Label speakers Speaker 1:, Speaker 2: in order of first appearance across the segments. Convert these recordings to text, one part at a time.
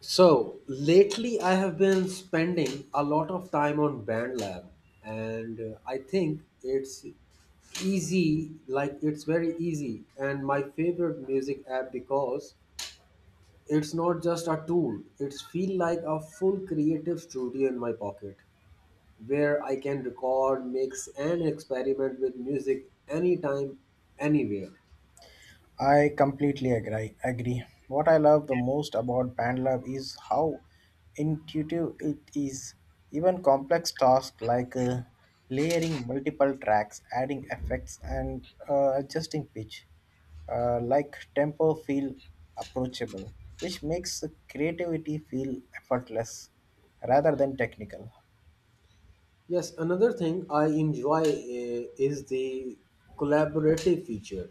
Speaker 1: So lately, I have been spending a lot of time on BandLab, and I think it's easy, like it's very easy, and my favorite music app because it's not just a tool. It's feel like a full creative studio in my pocket, where I can record, mix, and experiment with music anytime, anywhere.
Speaker 2: I completely agree. What I love the most about BandLab is how intuitive it is. Even complex tasks like layering multiple tracks, adding effects, and adjusting pitch, like tempo, feel approachable, which makes the creativity feel effortless rather than technical.
Speaker 1: Yes, another thing I enjoy is the collaborative feature,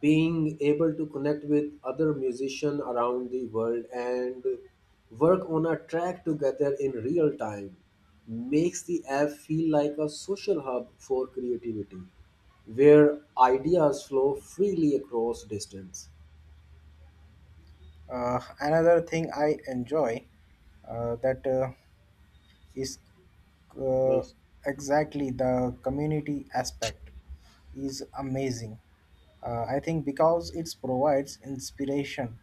Speaker 1: being able to connect with other musicians around the world and work on a track together in real time makes the app feel like a social hub for creativity where ideas flow freely across distance.
Speaker 2: Another thing I enjoy that. Is uh,
Speaker 1: Right.
Speaker 2: exactly, the community aspect is amazing. I think because it provides inspiration,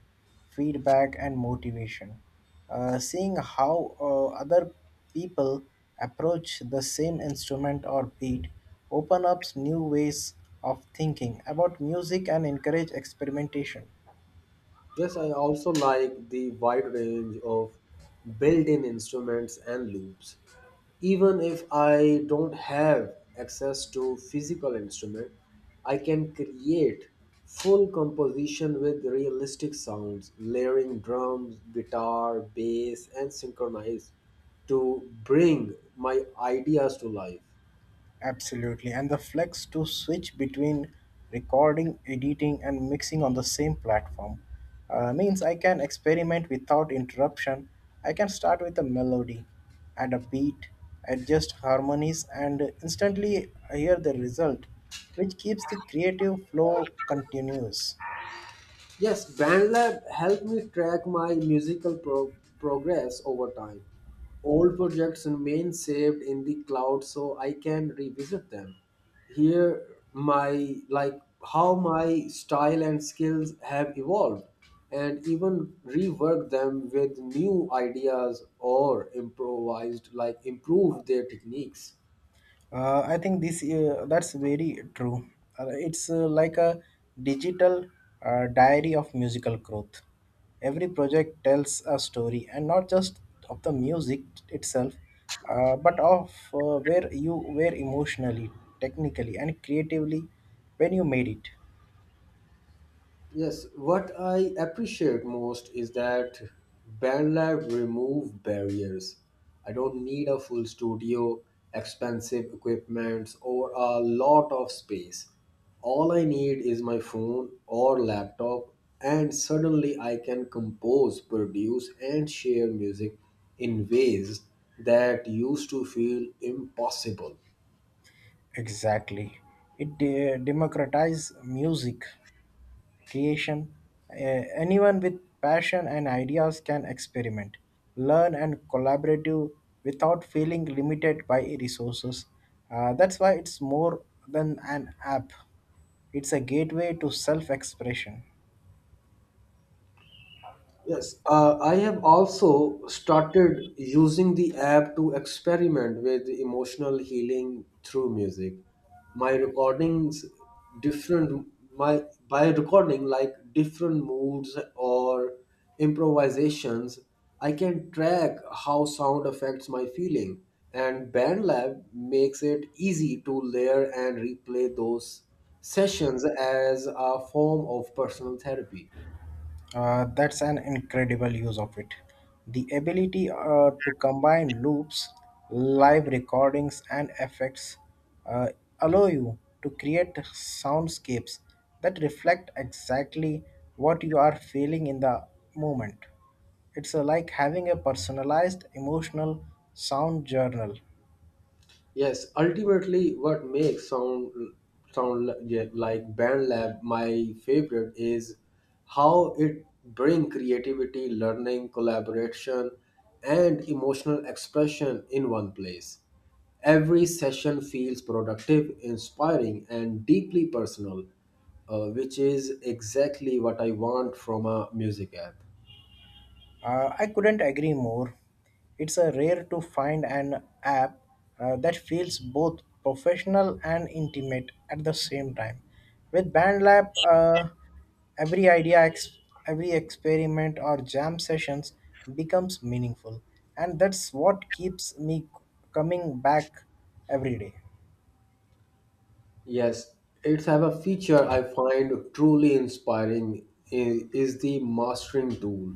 Speaker 2: feedback, and motivation. Seeing how other people approach the same instrument or beat open up new ways of thinking about music and encourage experimentation.
Speaker 1: Yes, I also like the wide range of built in instruments and loops. Even if I don't have access to physical instrument, I can create full composition with realistic sounds, layering drums, guitar, bass, and synchronize to bring my ideas to life.
Speaker 2: Absolutely. And the flex to switch between recording, editing, and mixing on the same platform means I can experiment without interruption. I can start with a melody, add a beat, adjust harmonies, and instantly hear the result, which keeps the creative flow continuous.
Speaker 1: Yes, BandLab helped me track my progress over time. Old projects remain saved in the cloud so I can revisit them. Here, my like how my style and skills have evolved, and even rework them with new ideas or improvised like improve their techniques.
Speaker 2: I think this That's very true. It's like a digital diary of musical growth. Every project tells a story, and not just of the music itself, but of where you were emotionally, technically, and creatively when you made it.
Speaker 1: Yes, what I appreciate most is that BandLab remove barriers. I don't need a full studio, expensive equipments, or a lot of space. All I need is my phone or laptop, and suddenly I can compose, produce, and share music in ways that used to feel impossible.
Speaker 2: Exactly, it democratizes music creation, anyone with passion and ideas can experiment, learn, and collaborate without feeling limited by resources. That's why it's more than an app, it's a gateway to self expression.
Speaker 1: Yes, I have also started using the app to experiment with emotional healing through music. My recordings different my by recording like different moods or improvisations, I can track how sound affects my feeling and BandLab makes it easy to layer and replay those sessions as a form of personal therapy.
Speaker 2: That's an incredible use of it. The ability to combine loops, live recordings, and effects uh, allow you to create soundscapes that reflect exactly what you are feeling in the moment. It's like having a personalized emotional sound journal.
Speaker 1: Yes, ultimately, what makes like Band Lab my favorite is how it bring creativity, learning, collaboration, and emotional expression in one place. Every session feels productive, inspiring, and deeply personal, which is exactly what I want from a music app.
Speaker 2: I couldn't agree more. It's a rare to find an app that feels both professional and intimate at the same time. With BandLab, every idea, every experiment or jam sessions becomes meaningful, and that's what keeps me coming back every day.
Speaker 1: Yes, it's have a feature I find is the mastering tool.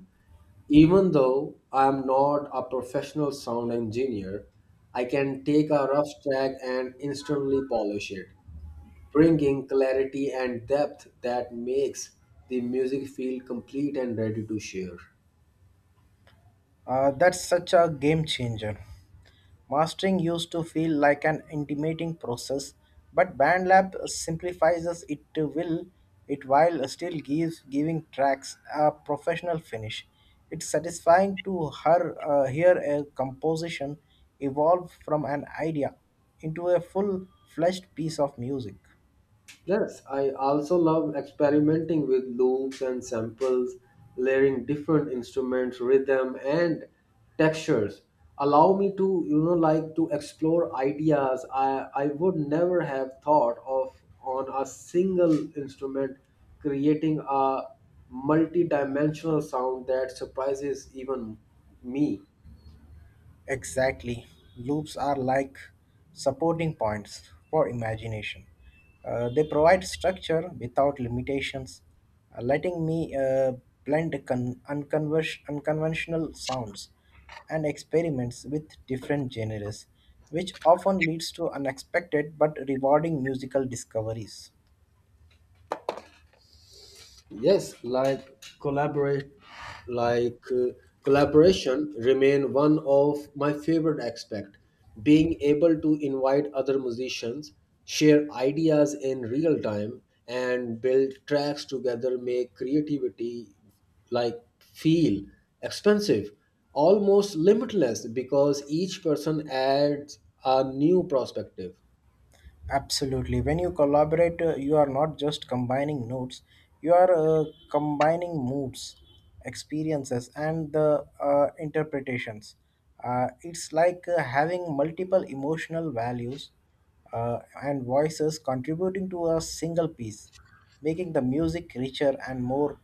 Speaker 1: Even though I am not a professional sound engineer, I can take a rough track and instantly polish it, bringing clarity and depth that makes the music feel complete and ready to share.
Speaker 2: That's such a game changer. Mastering used to feel like an intimidating process, but BandLab simplifies us it to will it while still gives giving tracks a professional finish. It's satisfying to her hear a composition evolve from an idea into a full-fledged piece of music.
Speaker 1: Yes, I also love experimenting with loops and samples, layering different instruments, rhythm and textures. Allow me to, you know, like to explore ideas I would never have thought of on a single instrument, creating a multi-dimensional sound that surprises even me.
Speaker 2: Exactly. Loops are like supporting points for imagination. They provide structure without limitations, letting me blend unconventional sounds and experiments with different genres, which often leads to unexpected but rewarding musical discoveries.
Speaker 1: Yes, like collaborate, like collaboration remain one of my favorite aspect. Being able to invite other musicians, share ideas in real time, and build tracks together make creativity like feel expensive, almost limitless because each person adds a new perspective.
Speaker 2: Absolutely. When you collaborate, you are not just combining notes, you are combining moods, experiences, and the interpretations. It's like having multiple emotional values and voices contributing to a single piece, making the music richer and more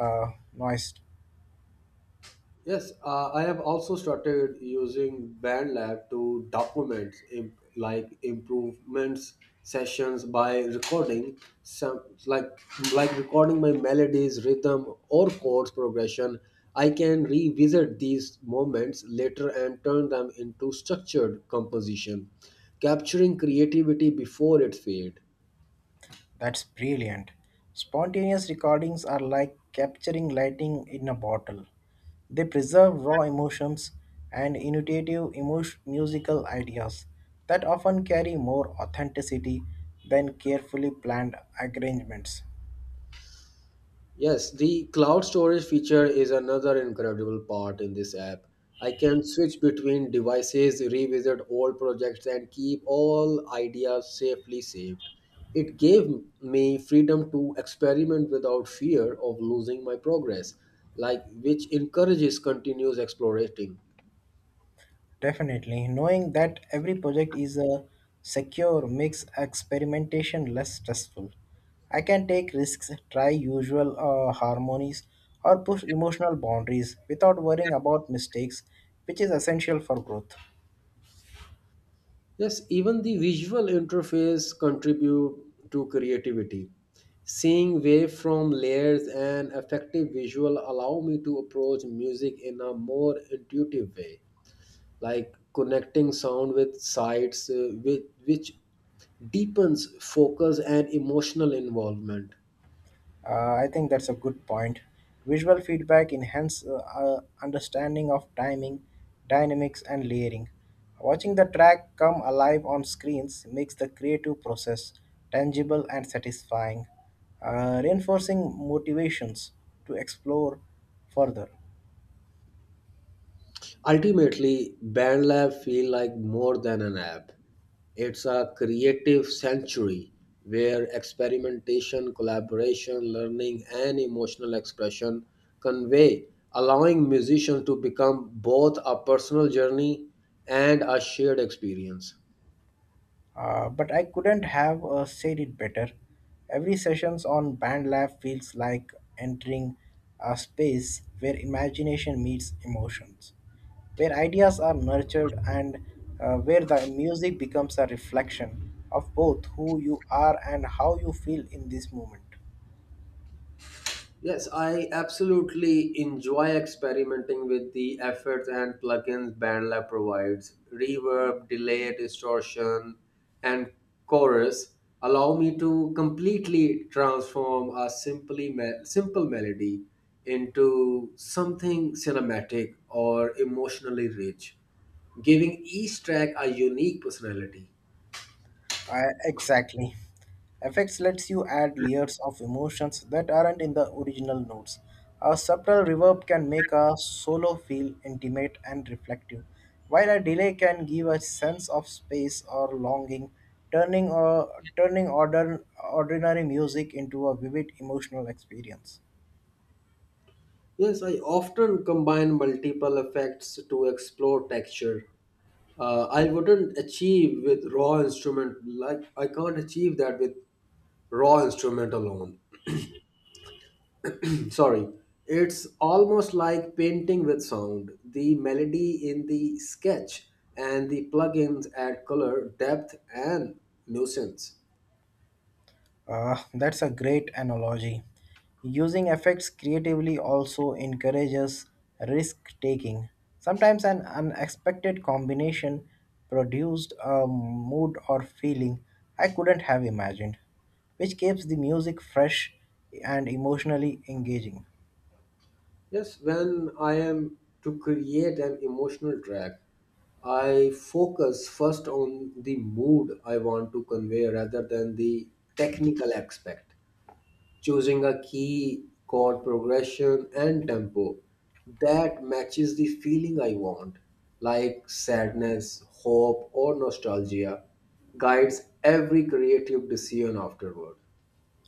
Speaker 2: uh, noised.
Speaker 1: Yes, I have also started using BandLab to document improvements sessions by recording some like recording my melodies, rhythm, or chords progression. I can revisit these moments later and turn them into structured composition, capturing creativity before it fades.
Speaker 2: That's brilliant. Spontaneous recordings are like capturing lightning in a bottle. They preserve raw emotions and intuitive musical ideas that often carry more authenticity than carefully planned arrangements.
Speaker 1: Yes, the cloud storage feature is another incredible part in this app. I can switch between devices, revisit old projects, and keep all ideas safely saved. It gave me freedom to experiment without fear of losing my progress, like which encourages continuous exploration.
Speaker 2: Definitely, knowing that every project is a secure makes experimentation less stressful. I can take risks, try usual harmonies, or push emotional boundaries without worrying about mistakes, which is essential for growth.
Speaker 1: Yes, even the visual interface contribute to creativity. Seeing wave from layers and effective visual allow me to approach music in a more intuitive way, like connecting sound with sights, which deepens focus and emotional involvement.
Speaker 2: I think that's a good point. Visual feedback enhances understanding of timing, dynamics, and layering. Watching the track come alive on screens makes the creative process tangible and satisfying, reinforcing motivations to explore further.
Speaker 1: Ultimately, BandLab feel like more than an app. It's a creative sanctuary where experimentation, collaboration, learning, and emotional expression convey, allowing musicians to become both a personal journey and a shared experience.
Speaker 2: But I couldn't have said it better. Every sessions on BandLab feels like entering a space where imagination meets emotions, where ideas are nurtured and where the music becomes a reflection of both who you are and how you feel in this moment.
Speaker 1: Yes, I absolutely enjoy experimenting with the effects and plugins BandLab provides. Reverb, delay, distortion, and chorus allow me to completely transform a simple melody into something cinematic or emotionally rich, giving each track a unique personality.
Speaker 2: Exactly. Effects lets you add layers of emotions that aren't in the original notes. A subtle reverb can make a solo feel intimate and reflective, while a delay can give a sense of space or longing, turning, uh, turning order, ordinary music into a vivid emotional experience.
Speaker 1: Yes, I often combine multiple effects to explore texture I wouldn't achieve with raw instrument like I can't achieve that with raw instrument alone. Sorry, it's almost like painting with sound. The melody in the sketch and the plugins add color, depth, and nuisance.
Speaker 2: Ah, that's a great analogy. Using effects creatively also encourages risk taking. Sometimes an unexpected combination produced a mood or feeling I couldn't have imagined, which keeps the music fresh and emotionally engaging.
Speaker 1: Yes, when I am to create an emotional track, I focus first on the mood I want to convey rather than the technical aspect. Choosing a key chord progression and tempo that matches the feeling I want, like sadness, hope, or nostalgia, guides every creative decision afterward.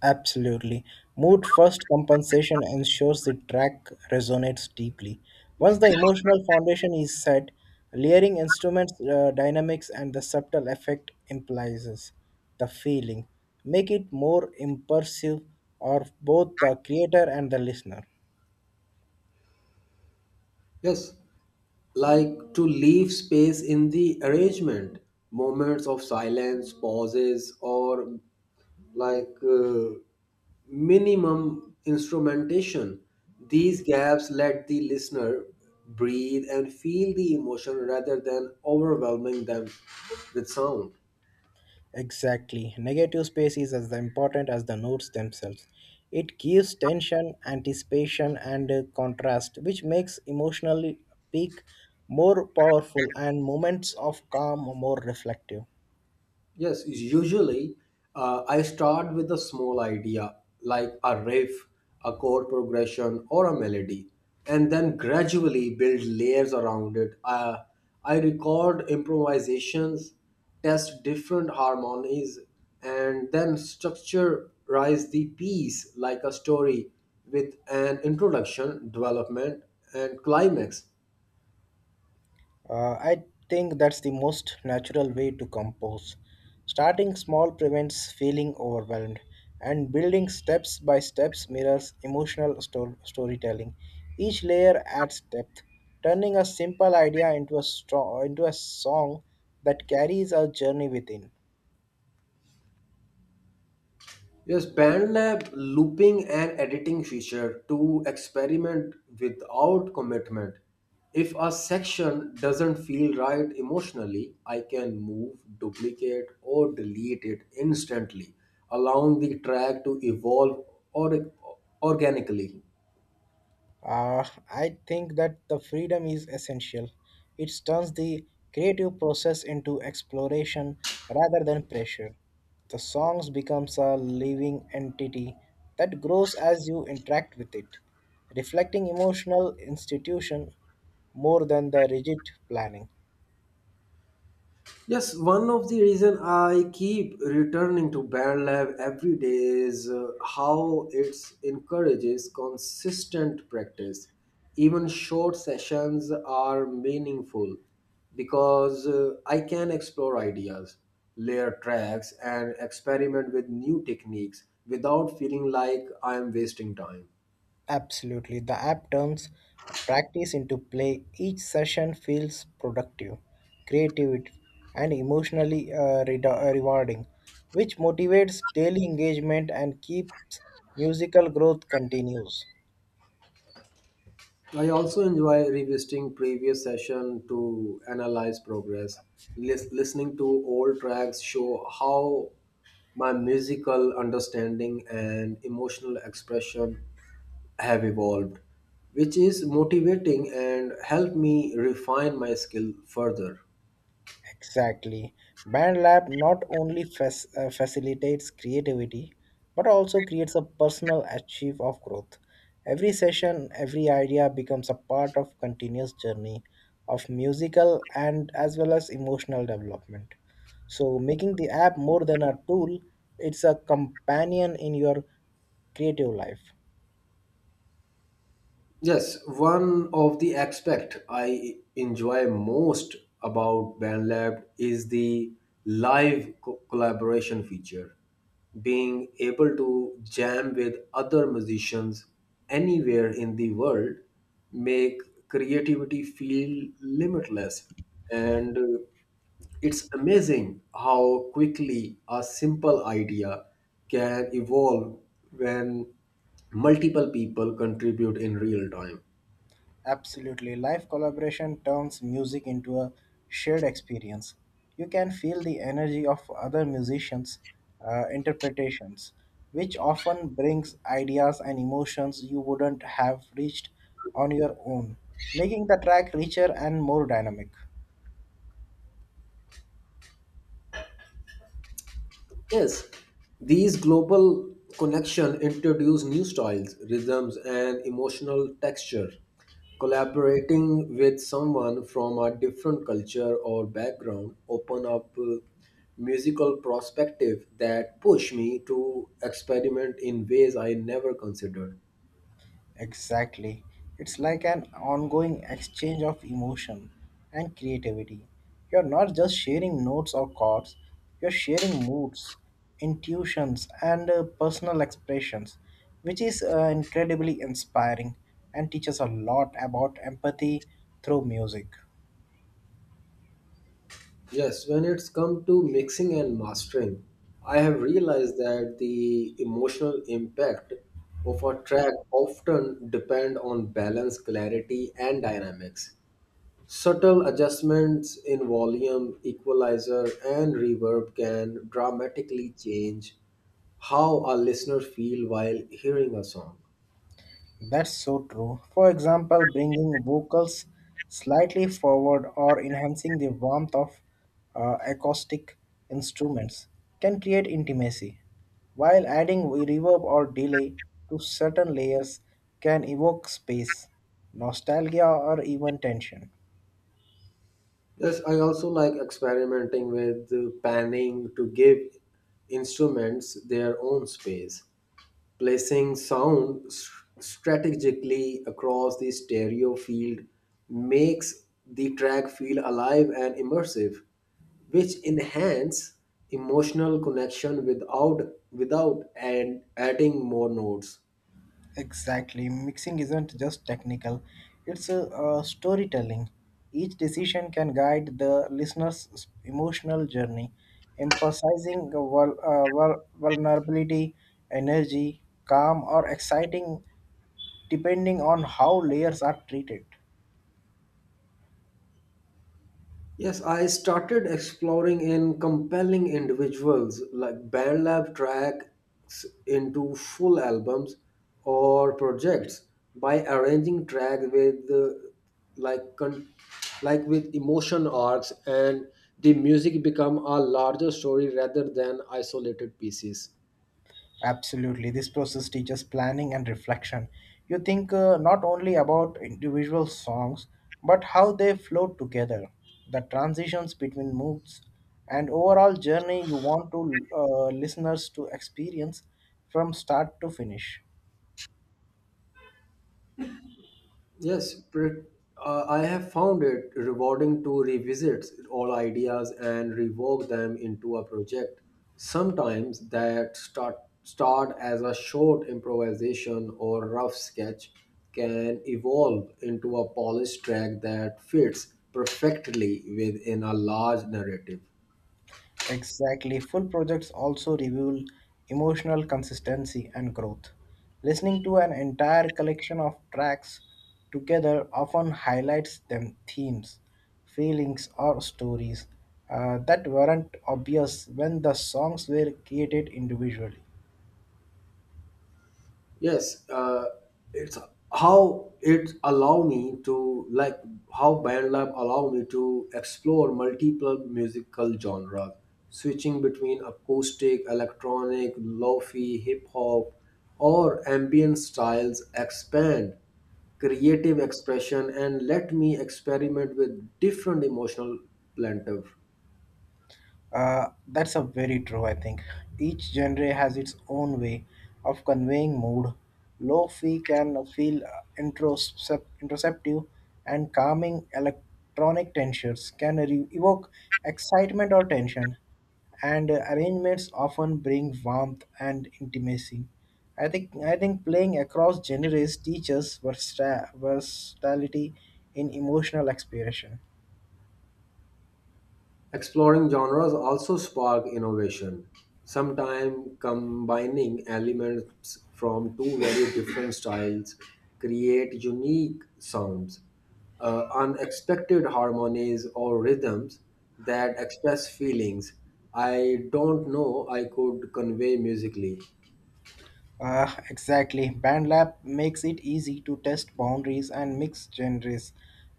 Speaker 2: Absolutely. Mood first compensation ensures the track resonates deeply. Once the emotional foundation is set, layering instruments, dynamics, and the subtle effect implies the feeling. Make it more immersive of both the creator and the listener.
Speaker 1: Yes, like to leave space in the arrangement, moments of silence, pauses, or like uh, minimum instrumentation. These gaps let the listener breathe and feel the emotion rather than overwhelming them with sound.
Speaker 2: Exactly. Negative space is as important as the notes themselves. It gives tension, anticipation, and contrast, which makes emotional peak more powerful and moments of calm more reflective.
Speaker 1: Yes, usually I start with a small idea like a riff, a chord progression, or a melody, and then gradually build layers around it. I record improvisations, test different harmonies, and then structurize the piece like a story with an introduction, development, and climax.
Speaker 2: I think that's the most natural way to compose. Starting small prevents feeling overwhelmed, and building steps by steps mirrors emotional storytelling. Each layer adds depth, turning a simple idea into into a song that carries our journey within.
Speaker 1: Yes, BandLab looping and editing feature to experiment without commitment. If a section doesn't feel right emotionally, I can move, duplicate, or delete it instantly, allowing the track to evolve or organically.
Speaker 2: Uh, I think that the freedom is essential. It turns the creative process into exploration rather than pressure. The songs becomes a living entity that grows as you interact with it, reflecting emotional institution more than the rigid planning.
Speaker 1: Yes, one of the reason I keep returning to Band Lab every day is how it encourages consistent practice. Even short sessions are meaningful because I can explore ideas, layer tracks, and experiment with new techniques without feeling like I am wasting time.
Speaker 2: Absolutely. The app turns practice into play. Each session feels productive, creative, and emotionally rewarding, which motivates daily engagement and keeps musical growth continues.
Speaker 1: I also enjoy revisiting previous session to analyze progress. Listening to old tracks show how my musical understanding and emotional expression have evolved, which is motivating and help me refine my skill further.
Speaker 2: Exactly. Band Lab not only facilitates creativity, but also creates a personal achieve of growth. Every session, every idea becomes a part of continuous journey of musical and as well as emotional development. So making the app more than a tool, it's a companion in your creative life.
Speaker 1: Yes, one of the aspect I enjoy most about BandLab is the collaboration feature. Being able to jam with other musicians anywhere in the world make creativity feel limitless and it's amazing how quickly a simple idea can evolve when multiple people contribute in real time.
Speaker 2: Absolutely. Live collaboration turns music into a shared experience. You can feel the energy of other musicians' interpretations, which often brings ideas and emotions you wouldn't have reached on your own, making the track richer and more dynamic.
Speaker 1: Yes, these global connections introduce new styles, rhythms, and emotional texture. Collaborating with someone from a different culture or background open up musical perspective that push me to experiment in ways I never considered.
Speaker 2: Exactly. It's like an ongoing exchange of emotion and creativity. You're not just sharing notes or chords, you're sharing moods, intuitions, and personal expressions, which is incredibly inspiring and teaches a lot about empathy through music.
Speaker 1: Yes, when it's come to mixing and mastering, I have realized that the emotional impact of a track often depend on balance, clarity, and dynamics. Subtle adjustments in volume, equalizer, and reverb can dramatically change how a listener feel while hearing a song.
Speaker 2: That's so true. For example, bringing vocals slightly forward or enhancing the warmth of acoustic instruments can create intimacy, while adding reverb or delay to certain layers can evoke space, nostalgia, or even tension.
Speaker 1: Yes, I also like experimenting with panning to give instruments their own space placing strategically across the stereo field makes the track feel alive and immersive which enhance emotional connection without without and adding more notes.
Speaker 2: Exactly. Mixing isn't just technical, it's a, storytelling. Each decision can guide the listener's emotional journey, emphasizing the vulnerability, energy, calm, or exciting, depending on how layers are treated.
Speaker 1: Yes, I started exploring in compelling individuals like band lab tracks into full albums or projects by arranging tracks with like con- with emotion arcs and the music become a larger story rather than isolated pieces.
Speaker 2: Absolutely. This process teaches planning and reflection. You think not only about individual songs, but how they flow together, the transitions between moods, and overall journey you want to listeners to experience from start to finish.
Speaker 1: Yes, I have found it rewarding to revisit all ideas and rework them into a project. Sometimes that start as a short improvisation or rough sketch can evolve into a polished track that fits perfectly within a large narrative.
Speaker 2: Exactly. Full projects also reveal emotional consistency and growth. Listening to an entire collection of tracks together often highlights themes, feelings, or stories that weren't obvious when the songs were created individually.
Speaker 1: Yes, it's how it allow me to like how BandLab allow me to explore multiple musical genres, switching between acoustic, electronic, lo-fi, hip hop, or ambient styles expand creative expression and let me experiment with different emotional plaintive.
Speaker 2: That's a very true, I think. Each genre has its own way of conveying mood. Lo-fi can feel introspective and calming electronic tensions can evoke excitement or tension, and arrangements often bring warmth and intimacy. I think playing across genres teaches versatility in emotional expression.
Speaker 1: Exploring genres also spark innovation, sometimes combining elements from two very different styles create unique sounds, unexpected harmonies or rhythms that express feelings I don't know I could convey musically.
Speaker 2: Exactly. BandLab makes it easy to test boundaries and mix genres,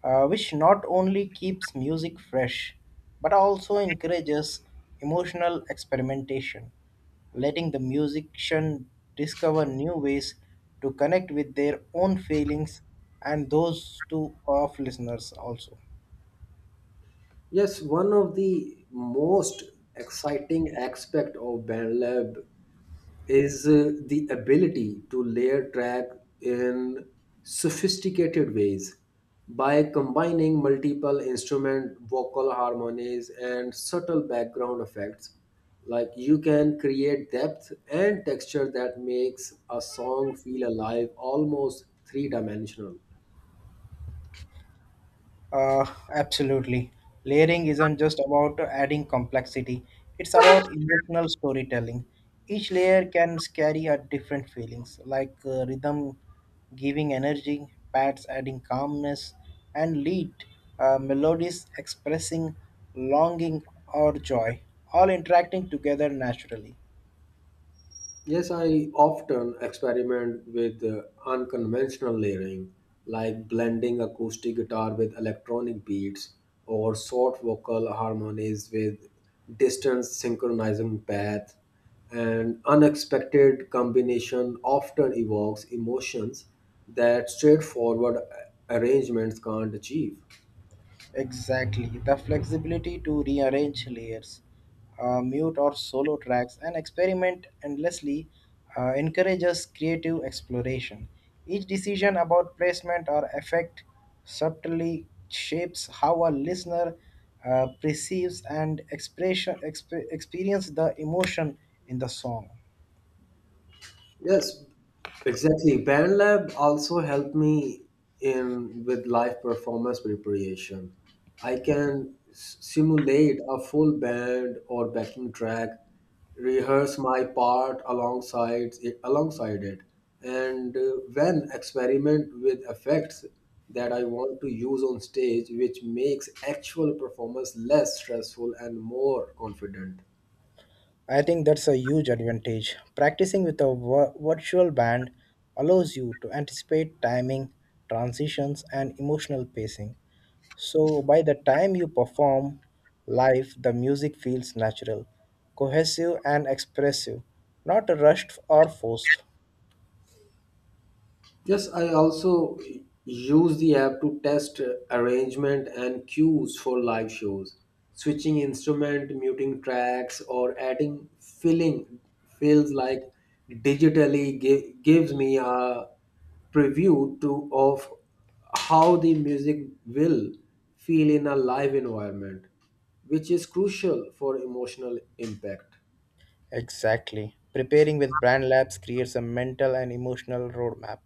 Speaker 2: which not only keeps music fresh, but also encourages emotional experimentation, letting the musician discover new ways to connect with their own feelings and those to of listeners also.
Speaker 1: Yes, one of the most exciting aspect of BandLab is the ability to layer track in sophisticated ways by combining multiple instrument vocal harmonies and subtle background effects like you can create depth and texture that makes a song feel alive almost three dimensional.
Speaker 2: Uh, Absolutely. Layering isn't just about adding complexity, it's about emotional storytelling. Each layer can carry a different feelings, like rhythm giving energy, pads adding calmness, and lead melodies expressing longing or joy, all interacting together naturally.
Speaker 1: Yes, I often experiment with unconventional layering, like blending acoustic guitar with electronic beats or short vocal harmonies with distant synchronizing path. An unexpected combination often evokes emotions that straightforward arrangements can't achieve.
Speaker 2: Exactly. The flexibility to rearrange layers, mute or solo tracks, and experiment endlessly encourages creative exploration. Each decision about placement or effect subtly shapes how a listener perceives and experience the emotion in the song.
Speaker 1: Yes, exactly. Band Lab also helped me in with live performance preparation. I can simulate a full band or backing track, rehearse my part alongside it, and when experiment with effects that I want to use on stage, which makes actual performance less stressful and more confident.
Speaker 2: I think that's a huge advantage. Practicing with a virtual band allows you to anticipate timing, transitions, and emotional pacing. So by the time you perform live, the music feels natural, cohesive, and expressive, not rushed or forced.
Speaker 1: Yes, I also use the app to test arrangement and cues for live shows, switching instrument, muting tracks, or adding filling feels like digitally gives me a preview to of how the music will feel in a live environment, which is crucial for emotional impact.
Speaker 2: Exactly. Preparing with Brand Labs creates a mental and emotional roadmap.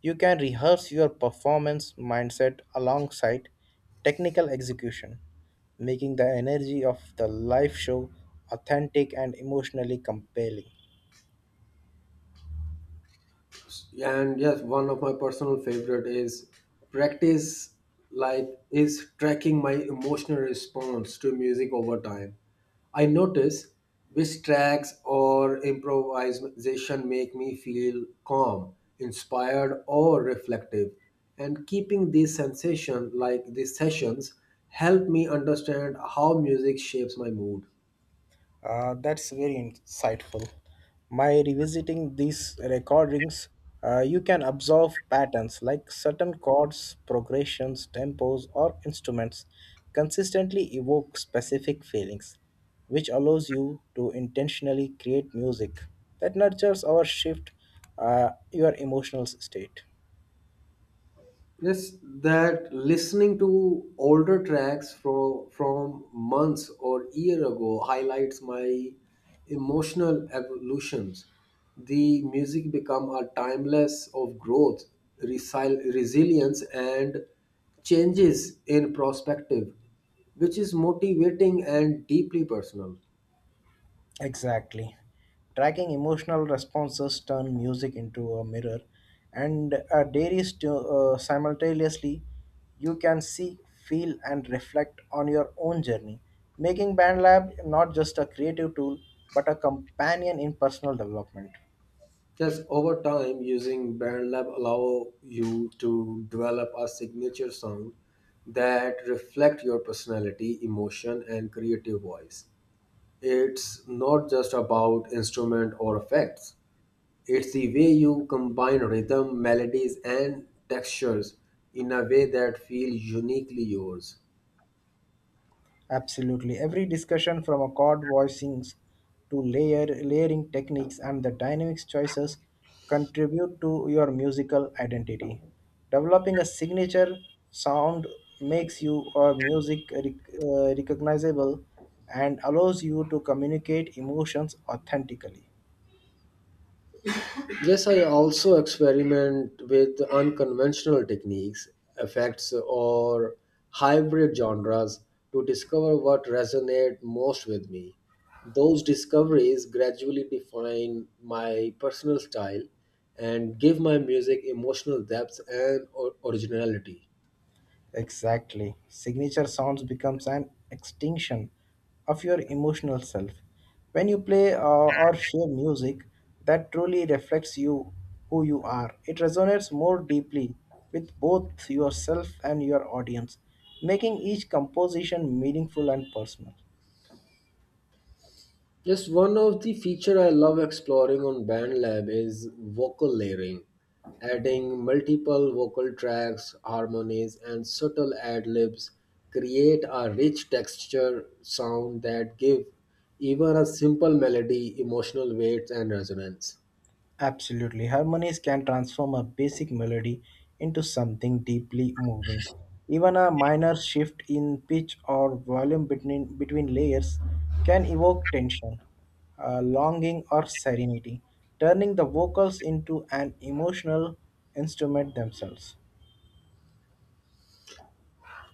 Speaker 2: You can rehearse your performance mindset alongside technical execution, making the energy of the live show authentic and emotionally compelling.
Speaker 1: And yes, one of my personal favorite is practice like is tracking my emotional response to music over time. I notice which tracks or improvisation make me feel calm, inspired, or reflective, and keeping these sensation like these sessions help me understand how music shapes my mood.
Speaker 2: That's very insightful. By revisiting these recordings, you can observe patterns like certain chords, progressions, tempos, or instruments consistently evoke specific feelings, which allows you to intentionally create music that nurtures or shift your emotional state.
Speaker 1: Yes, that listening to older tracks from months or year ago highlights my emotional evolutions. The music become a timeless of growth, resilience, and changes in perspective, which is motivating and deeply personal.
Speaker 2: Exactly. Tracking emotional responses turn music into a mirror and a dairies to simultaneously you can see, feel and reflect on your own journey, making BandLab not just a creative tool but a companion in personal development.
Speaker 1: Just over time, using BandLab allow you to develop a signature sound that reflect your personality, emotion, and creative voice. It's not just about instrument or effects. It's the way you combine rhythm, melodies, and textures in a way that feels uniquely yours.
Speaker 2: Absolutely. Every discussion from a chord voicings to layering techniques and the dynamics choices contribute to your musical identity. Developing a signature sound makes you or music recognizable and allows you to communicate emotions authentically.
Speaker 1: Yes, I also experiment with unconventional techniques, effects, or hybrid genres to discover what resonate most with me. Those discoveries gradually define my personal style and give my music emotional depth and originality.
Speaker 2: Exactly. Signature sounds becomes an extinction of your emotional self. When you play or share music that truly reflects you, who you are, it resonates more deeply with both yourself and your audience, making each composition meaningful and personal.
Speaker 1: Just one of the feature I love exploring on BandLab is vocal layering, adding multiple vocal tracks, harmonies, and subtle ad libs create a rich texture sound that give even a simple melody emotional weight and resonance.
Speaker 2: Absolutely. Harmonies can transform a basic melody into something deeply moving. Even a minor shift in pitch or volume between layers can evoke tension, longing, or serenity, turning the vocals into an emotional instrument themselves.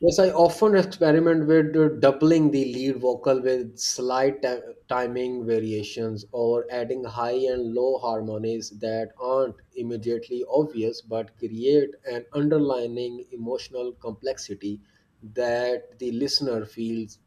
Speaker 1: Yes, I often experiment with doubling the lead vocal with slight timing variations or adding high and low harmonies that aren't immediately obvious but create an underlining emotional complexity that the listener feels.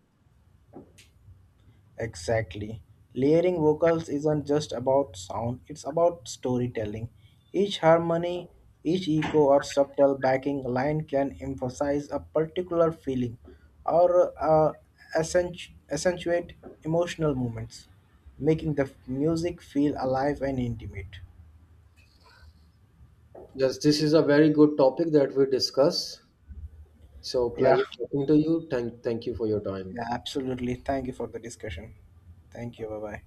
Speaker 2: Exactly. Layering vocals isn't just about sound, it's about storytelling. Each harmony, each echo, or subtle backing line can emphasize a particular feeling or accentuate emotional moments, making the music feel alive and intimate.
Speaker 1: Yes, this is a very good topic that we discuss. So,
Speaker 2: Yeah,
Speaker 1: pleasure talking to you. Thank you for your time.
Speaker 2: yeah, absolutely. Thank you for the discussion. Thank you. Bye bye.